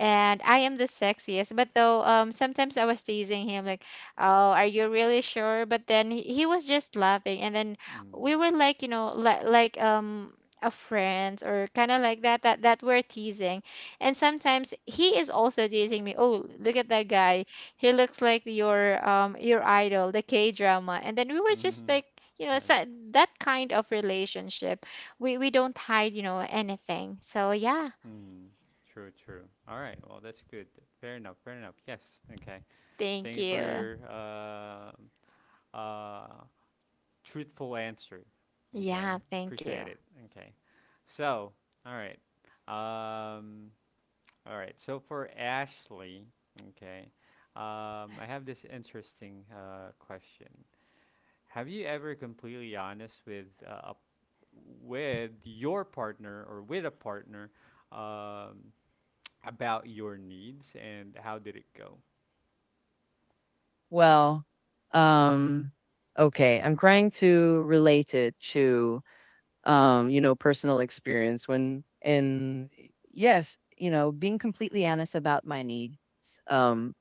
and I am the sexiest. But though, sometimes I was teasing him like, "Oh, are you really sure?" But then he was just laughing, and then Mm. we were like, you know, li like. A friends or kind of like that, that that we're teasing. And sometimes he is also teasing me, oh, look at that guy, he looks like your um, your idol, the K drama. And then we were just Mm. like, you know, so Right. that kind of relationship, we don't hide, you know, anything. So yeah, Hmm. True, true. All right. Well, that's good. Fair enough. Fair enough. Yes. Okay. thank Thank you for you. your, uh, truthful answer. Okay. Yeah, thank you. Appreciate it. Okay. So, all right. Um, all right. So for Ashley, okay. I have this interesting, question. Have you ever completely honest with, with your partner, or with a partner, um, about your needs, and how did it go? well, um, okay. I'm trying to relate it to, personal experience when, and, yes, being completely honest about my needs. Um,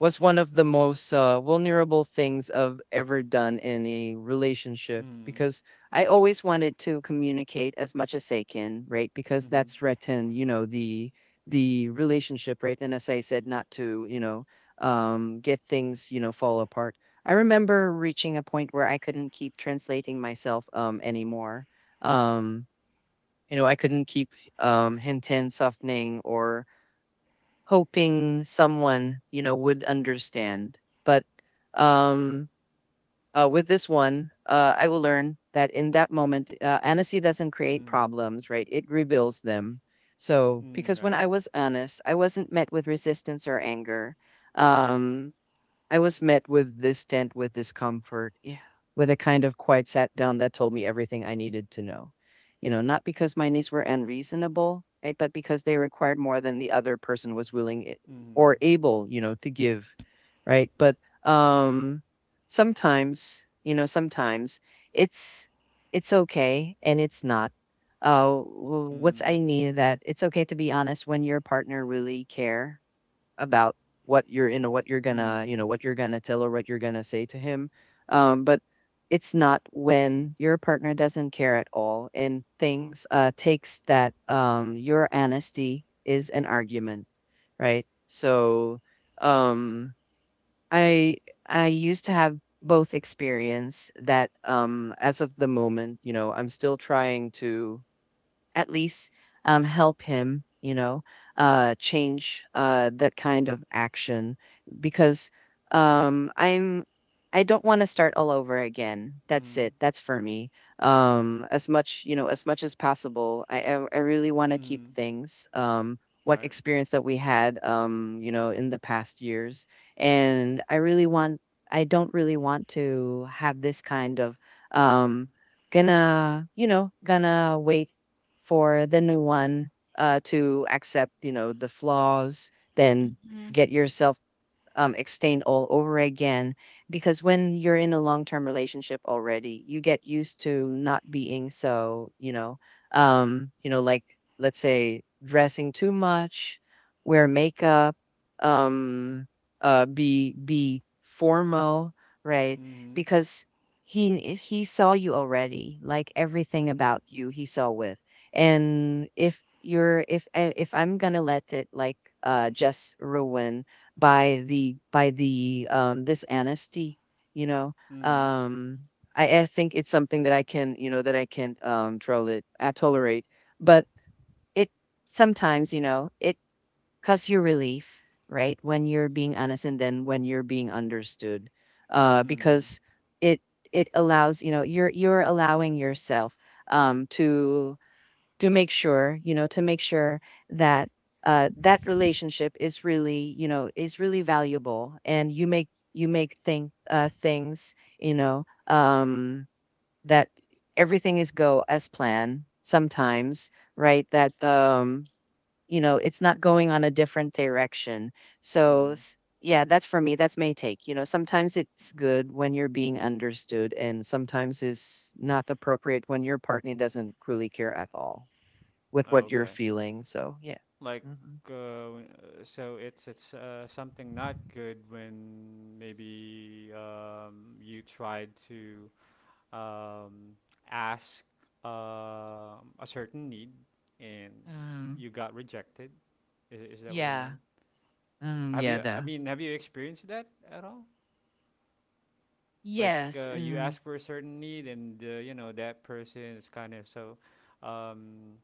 was one of the most, vulnerable things I've ever done in a relationship, Mm. because I always wanted to communicate as much as I can, right? Because Mm-hmm. that's threatened, the relationship, right? And as I said, not to, get things, fall apart. I remember reaching a point where I couldn't keep translating myself, anymore. Um, I couldn't keep, hinting, softening, or hoping someone, would understand. But, um, with this one, I will learn that in that moment, honesty doesn't create Mm. problems, right? It reveals them. So, Mm. because when Right. I was honest, I wasn't met with resistance or anger. Um, I was met with distent, with discomfort, yeah, with a kind of quiet sat down that told me everything I needed to know. You know, not because my needs were unreasonable, right, but because they required more than the other person was willing, Mm. or able, to give, right? But um sometimes it's it's okay, and it's not. What's I Mm. need, that it's okay to be honest when your partner really care about what you're gonna, Mm. What you're gonna tell, or what you're gonna say to him, but it's not when your partner doesn't care at all, and things, takes that, your honesty is an argument, right, so. um i I used to have both experience, that, as of the moment, I'm still trying to, at least, help him, change, that kind of action, because, um, I'm I don't want to start all over again. That's it. Mm. That's for me. As much as possible, I really want to keep Mm. things. What Right. experience that we had, in the past years, and I really want. I don't really want to have this kind of, um gonna, gonna wait for the new one, to accept, the flaws, then Mhm. get yourself, extend all over again. Because when you're in a long term relationship already, you get used to not being so, like, let's say, dressing too much, wear makeup, um, be formal, right? Mm. Because he saw you already, like everything about you he saw with. And if I'm gonna let it like, just ruin by the by the, this honesty, you know Mm. um I think it's something that I can you know that I can, tolerate but it sometimes, it cause you relief, right, when you're being honest and then when you're being understood, Mm. because it it allows, you're allowing yourself, um to to make sure, that, that relationship is really, is really valuable, and you make think, things, you know um, that everything is go as planned sometimes, right, that, it's not going on a different direction, so. Mm. Yeah, that's for me, that's my take. Sometimes it's good when you're being understood, and sometimes it's not appropriate when your partner doesn't really care at all with Oh, what you're okay. feeling, so yeah. Like, Mhm. uh, so it's, something not good when maybe, you tried to, um, asked, a certain need, and Um, you got rejected? Is that what you yeah. mean? Have Yeah, you? I the mean, have you experienced that at all? Like, Yes. You ask for a certain need, and, that person is kind of so, um,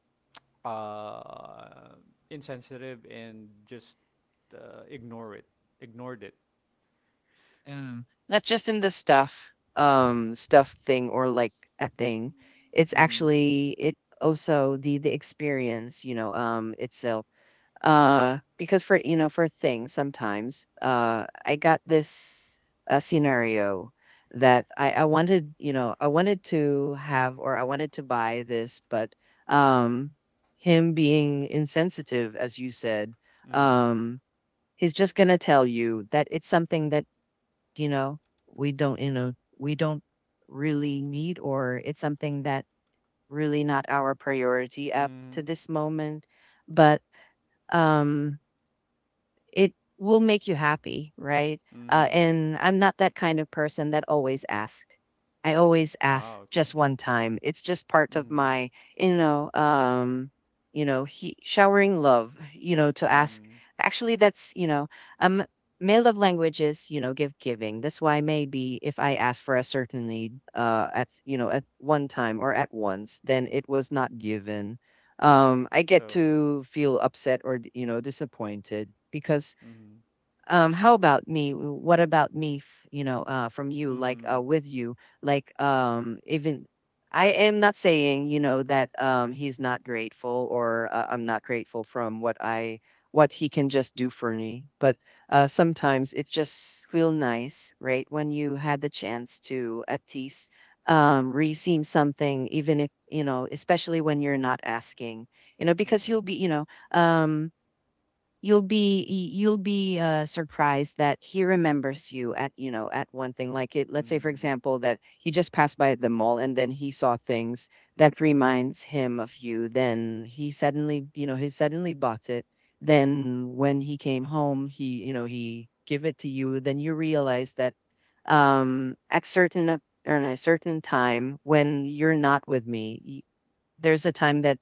uh, insensitive, and just, uh, ignore it, ignored it. Not just in the stuff. Stuff thing, or like a thing. It's Mm-hmm. actually, it also the experience, itself. Because for, for things sometimes, I got this, scenario that I wanted, to have, or I wanted to buy this, but, um, him being insensitive, as you said, Mm-hmm. um, he's just gonna tell you that it's something that, you know, we don't, you know, we don't really need, or it's something that really not our priority up to Mm-hmm. this moment. But um it will make you happy, right? Mm-hmm. And I'm not that kind of person that always asks. I always ask Ah, okay. just one time. It's just part of Mm-hmm. my, you know, um, he, showering love. To ask. Mm-hmm. Actually, that's, um, my love language is, give giving. That's why maybe if I ask for a certain need, at, at one time or at once, then it was not given, I get So, to feel upset, or, disappointed, because, mm-hmm. How about me what about me, from you, like, Mm-hmm. with you, like, even I am not saying, that, he's not grateful, or, I'm not grateful from what he can just do for me. But, sometimes it just feel nice, right, when you had the chance to at least, receive something, even if, especially when you're not asking, because Yeah. You'll be, surprised that he remembers you, at, at one thing. Like it, let's say for Mm. example that he just passed by the mall and then he saw things that reminds him of you, then he suddenly bought it, then when he came home, he give it to you. Then you realize that, at certain or in a certain time when you're not with me, there's a time that,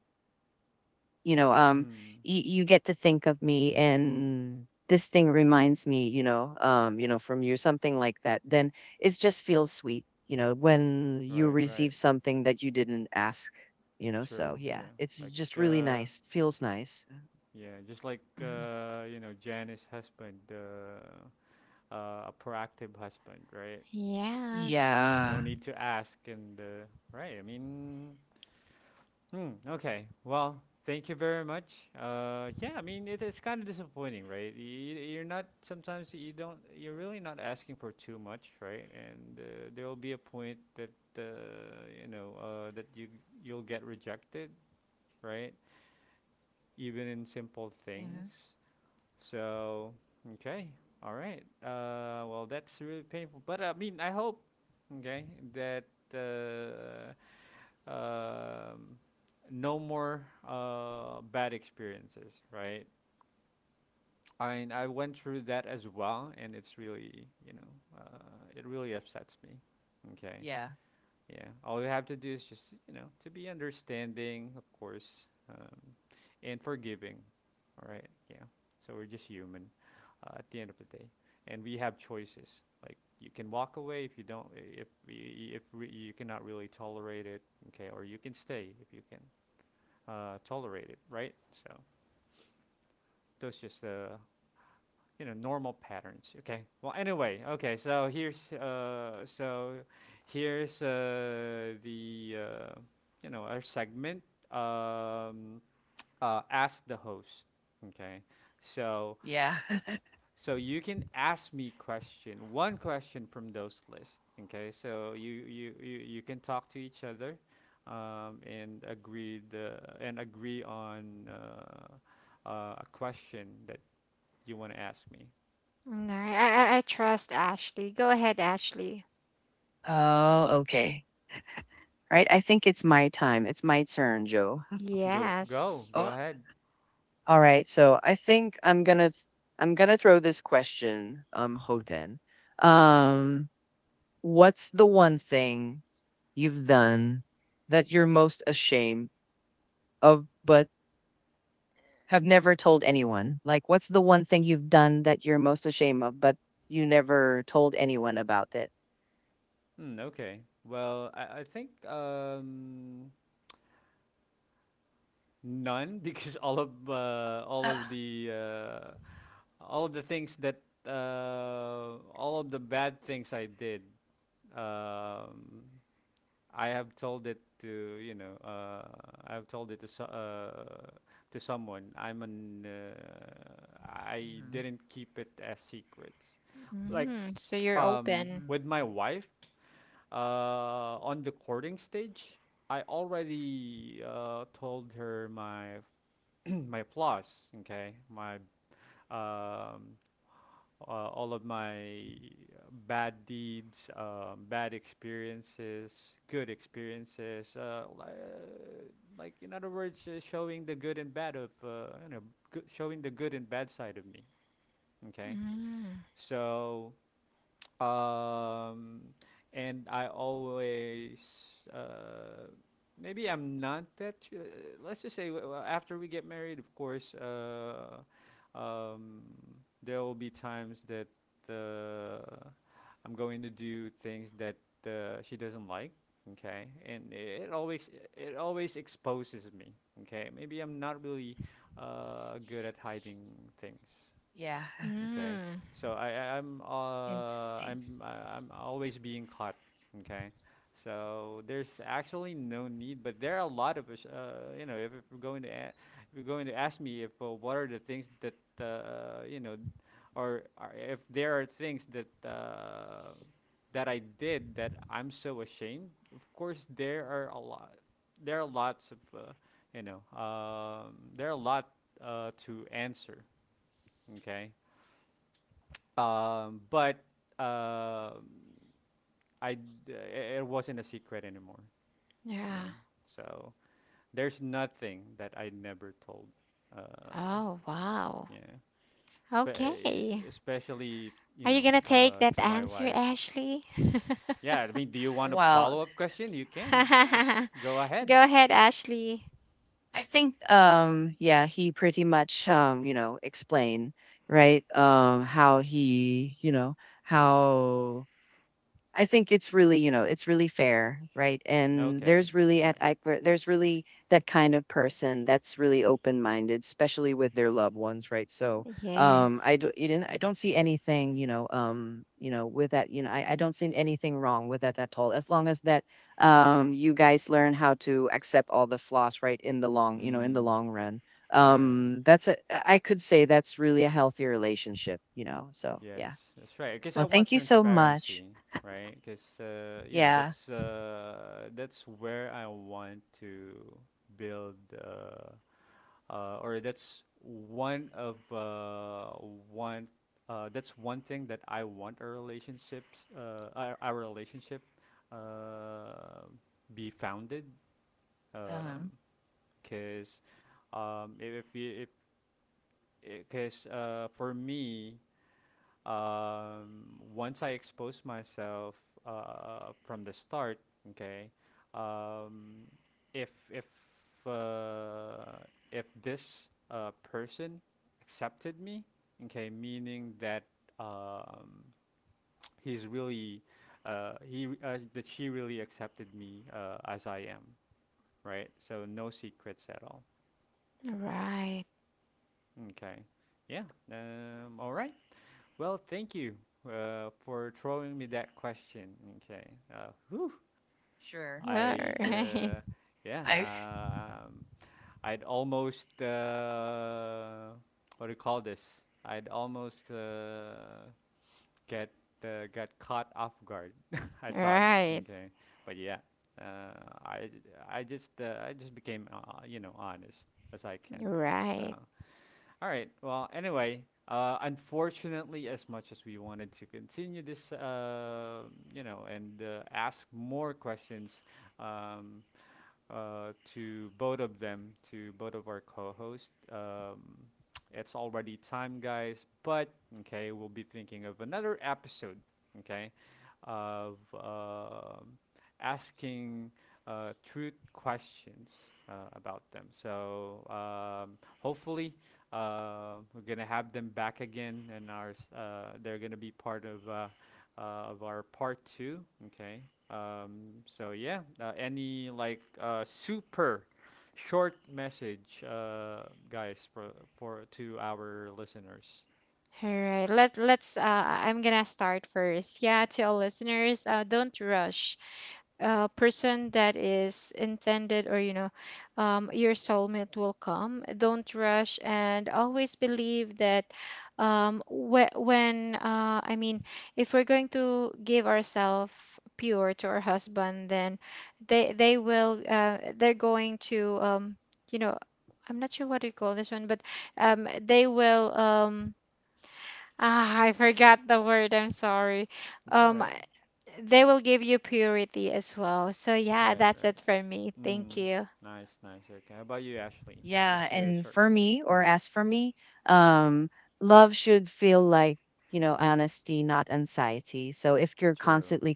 you know um Mm. You get to think of me, and this thing reminds me, from you, something like that, then it just feels sweet, when you Right, right. receive something that you didn't ask, so True. yeah, Yeah. it's Like, just really nice, feels nice. yeah, just like, Mhm. Janice's husband, a proactive husband, right? Yes. No Yeah. need to ask, and, right, I mean. Hmm. Okay. Well, thank you very much. Yeah. I mean, it's kind of disappointing, right? You're not. Sometimes you don't. You're really not asking for too much, right? And, there will be a point that, uh, that you'll get rejected, right? Even in simple Mhm. things. So okay. All right. Well, that's really painful. But I mean, I hope, okay, that. Uh, um, no more, bad experiences, right? I mean, I went through that as well, and it's really, it really upsets me. Okay, Yeah. yeah. All you have to do is just, to be understanding, of course, and forgiving. All right, yeah. So we're just human, at the end of the day, and we have choices. Like, you can walk away if you don't, if y- if re- you cannot really tolerate it. Okay, or you can stay if you can tolerated, right? So those just normal patterns. Okay. Well, anyway, okay. So here's the our segment. Um, ask the host. Okay. So Yeah. So you can ask me question, one question from those lists. Okay, so you can talk to each other, and agree the and agree on a question that you want to ask me. Mm, all right. I trust Ashley, go ahead Ashley. Oh, okay, right, I think it's my time, it's my turn, Joe. Go go Yes. go ahead. All right, so I think I'm gonna throw this question, Hoden. Um, what's the one thing you've done that you're most ashamed of, but have never told anyone? Like, what's the one thing you've done that you're most ashamed of, but you never told anyone about it? Hmm, okay. Well, I think none because all of the things that all of the bad things I did, um, I have told it to you know uh, I have told it to to someone. I didn't keep it as secrets. Like Mm, so you're open. Hmm. with my wife uh, on the courting stage, I already told her my my flaws. Okay, my um, all of my bad deeds, bad experiences, good experiences. Like in other words, showing the good and bad of showing the good and bad side of me. Okay, Mm. so um, and I always maybe I'm not that. Let's just say after we get married, of course, um, there will be times that uh, I'm going to do things that she doesn't like. Okay, and it always exposes me. Okay, maybe I'm not really good at hiding things. Yeah. Okay, Mm, so I Interesting. I'm I- I'm always being caught. Okay, so there's actually no need, but there are a lot of us. You know, if you're going to if you're going to ask me if what are the things that you know, or if there are things that that I did that I'm so ashamed. Of course, there are a lot. There are lots of you know. There are a lot to answer. Okay, but uh, it wasn't a secret anymore. yeah. Yeah. So there's nothing that I never told. Uh, Oh wow. yeah. Okay. Especially you Are you know gonna take that to my answer, wife. Ashley? Yeah. I mean, do you want a Wow. follow up question? You can, of course. go Go ahead. ahead, Ashley. I think, yeah, he pretty much, explain, right? How he, you know, how I think it's really, it's really fair, right? And Okay. Uh, there's really that kind of person that's really open-minded, especially with their loved ones, right? So, Yes. I don't see anything, with that, I don't see anything wrong with that at all, as long as that, you guys learn how to accept all the flaws, right? In the mm, long run, yeah. um, that's a, I could say that's really a healthy relationship. So, yeah. Yes, that's right. Because I Well, want thank you so much. transparency, right? Because you know Yeah. That's where I want to build, or that's one of one that's one thing that I want our relationship, uh, be founded. Because Um, 'cause because if because for me um, once I expose myself from the start, okay, um, if if uh, if this person accepted me, okay, meaning that um, he's really he re- that she really accepted me as I am, right? So no secrets at all. Right. Okay, yeah. All right. Well, thank you for throwing me that question. Okay. Whew, sure. All I'd, right. uh, yeah, I um, I'd almost, what do you call this? I'd almost get got caught off guard. I thought, Right. okay, but yeah, uh, I I just became you know honest as I can. So Right. all right. Well, anyway, unfortunately, as much as we wanted to continue this, you know, and ask more questions, um, to both of them, to both of our co-hosts. It's already time, guys. But okay, we'll be thinking of another episode. Okay, of um, asking truth questions about them. So hopefully, we're gonna have them back again, and ours. They're gonna be part uh, of our part two. Okay. So yeah, any like super short message, guys, for to our listeners. All right. Let let's I'm gonna start first. Yeah, to all listeners, don't rush. Uh, person that is intended, or you know, your soulmate will come, don't rush, and always believe that, whe- when I mean, if we're going to give ourselves pure to our husband, then they will they're going to, you know, I'm not sure what you call this one, but they will ah, I forgot the word, I'm sorry. It's all Um, right. they will give you purity as well. So, yeah, Right. that's Right. it for me. Thank Mm, you. nice. Nice. Okay. How about you, Ashley? Yeah, Just a and short for word. me, or Hmm. as for me, um, love should feel like, honesty, not anxiety. So if you're True. constantly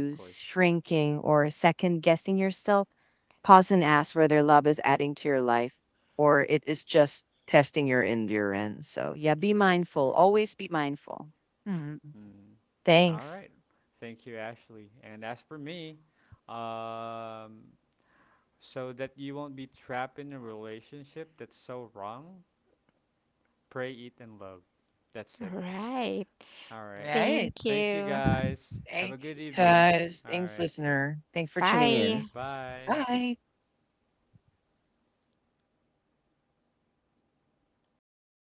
Of course. shrinking, or second guessing yourself, pause and ask whether love is adding to your life or it is just testing your endurance. So yeah, be True. mindful. True. Always be mindful. Hmm. Mm. All Thanks. right. Thank you, Ashley. And as for me, um, so that you won't be trapped in a relationship that's so wrong. Pray, eat, and love. That's All it. right. All right. Right. Thank Thank you, you. guys. Have a Thank good you. evening. All Thanks, right. listener. Thanks for All tuning right. Bye. in. Bye. Bye.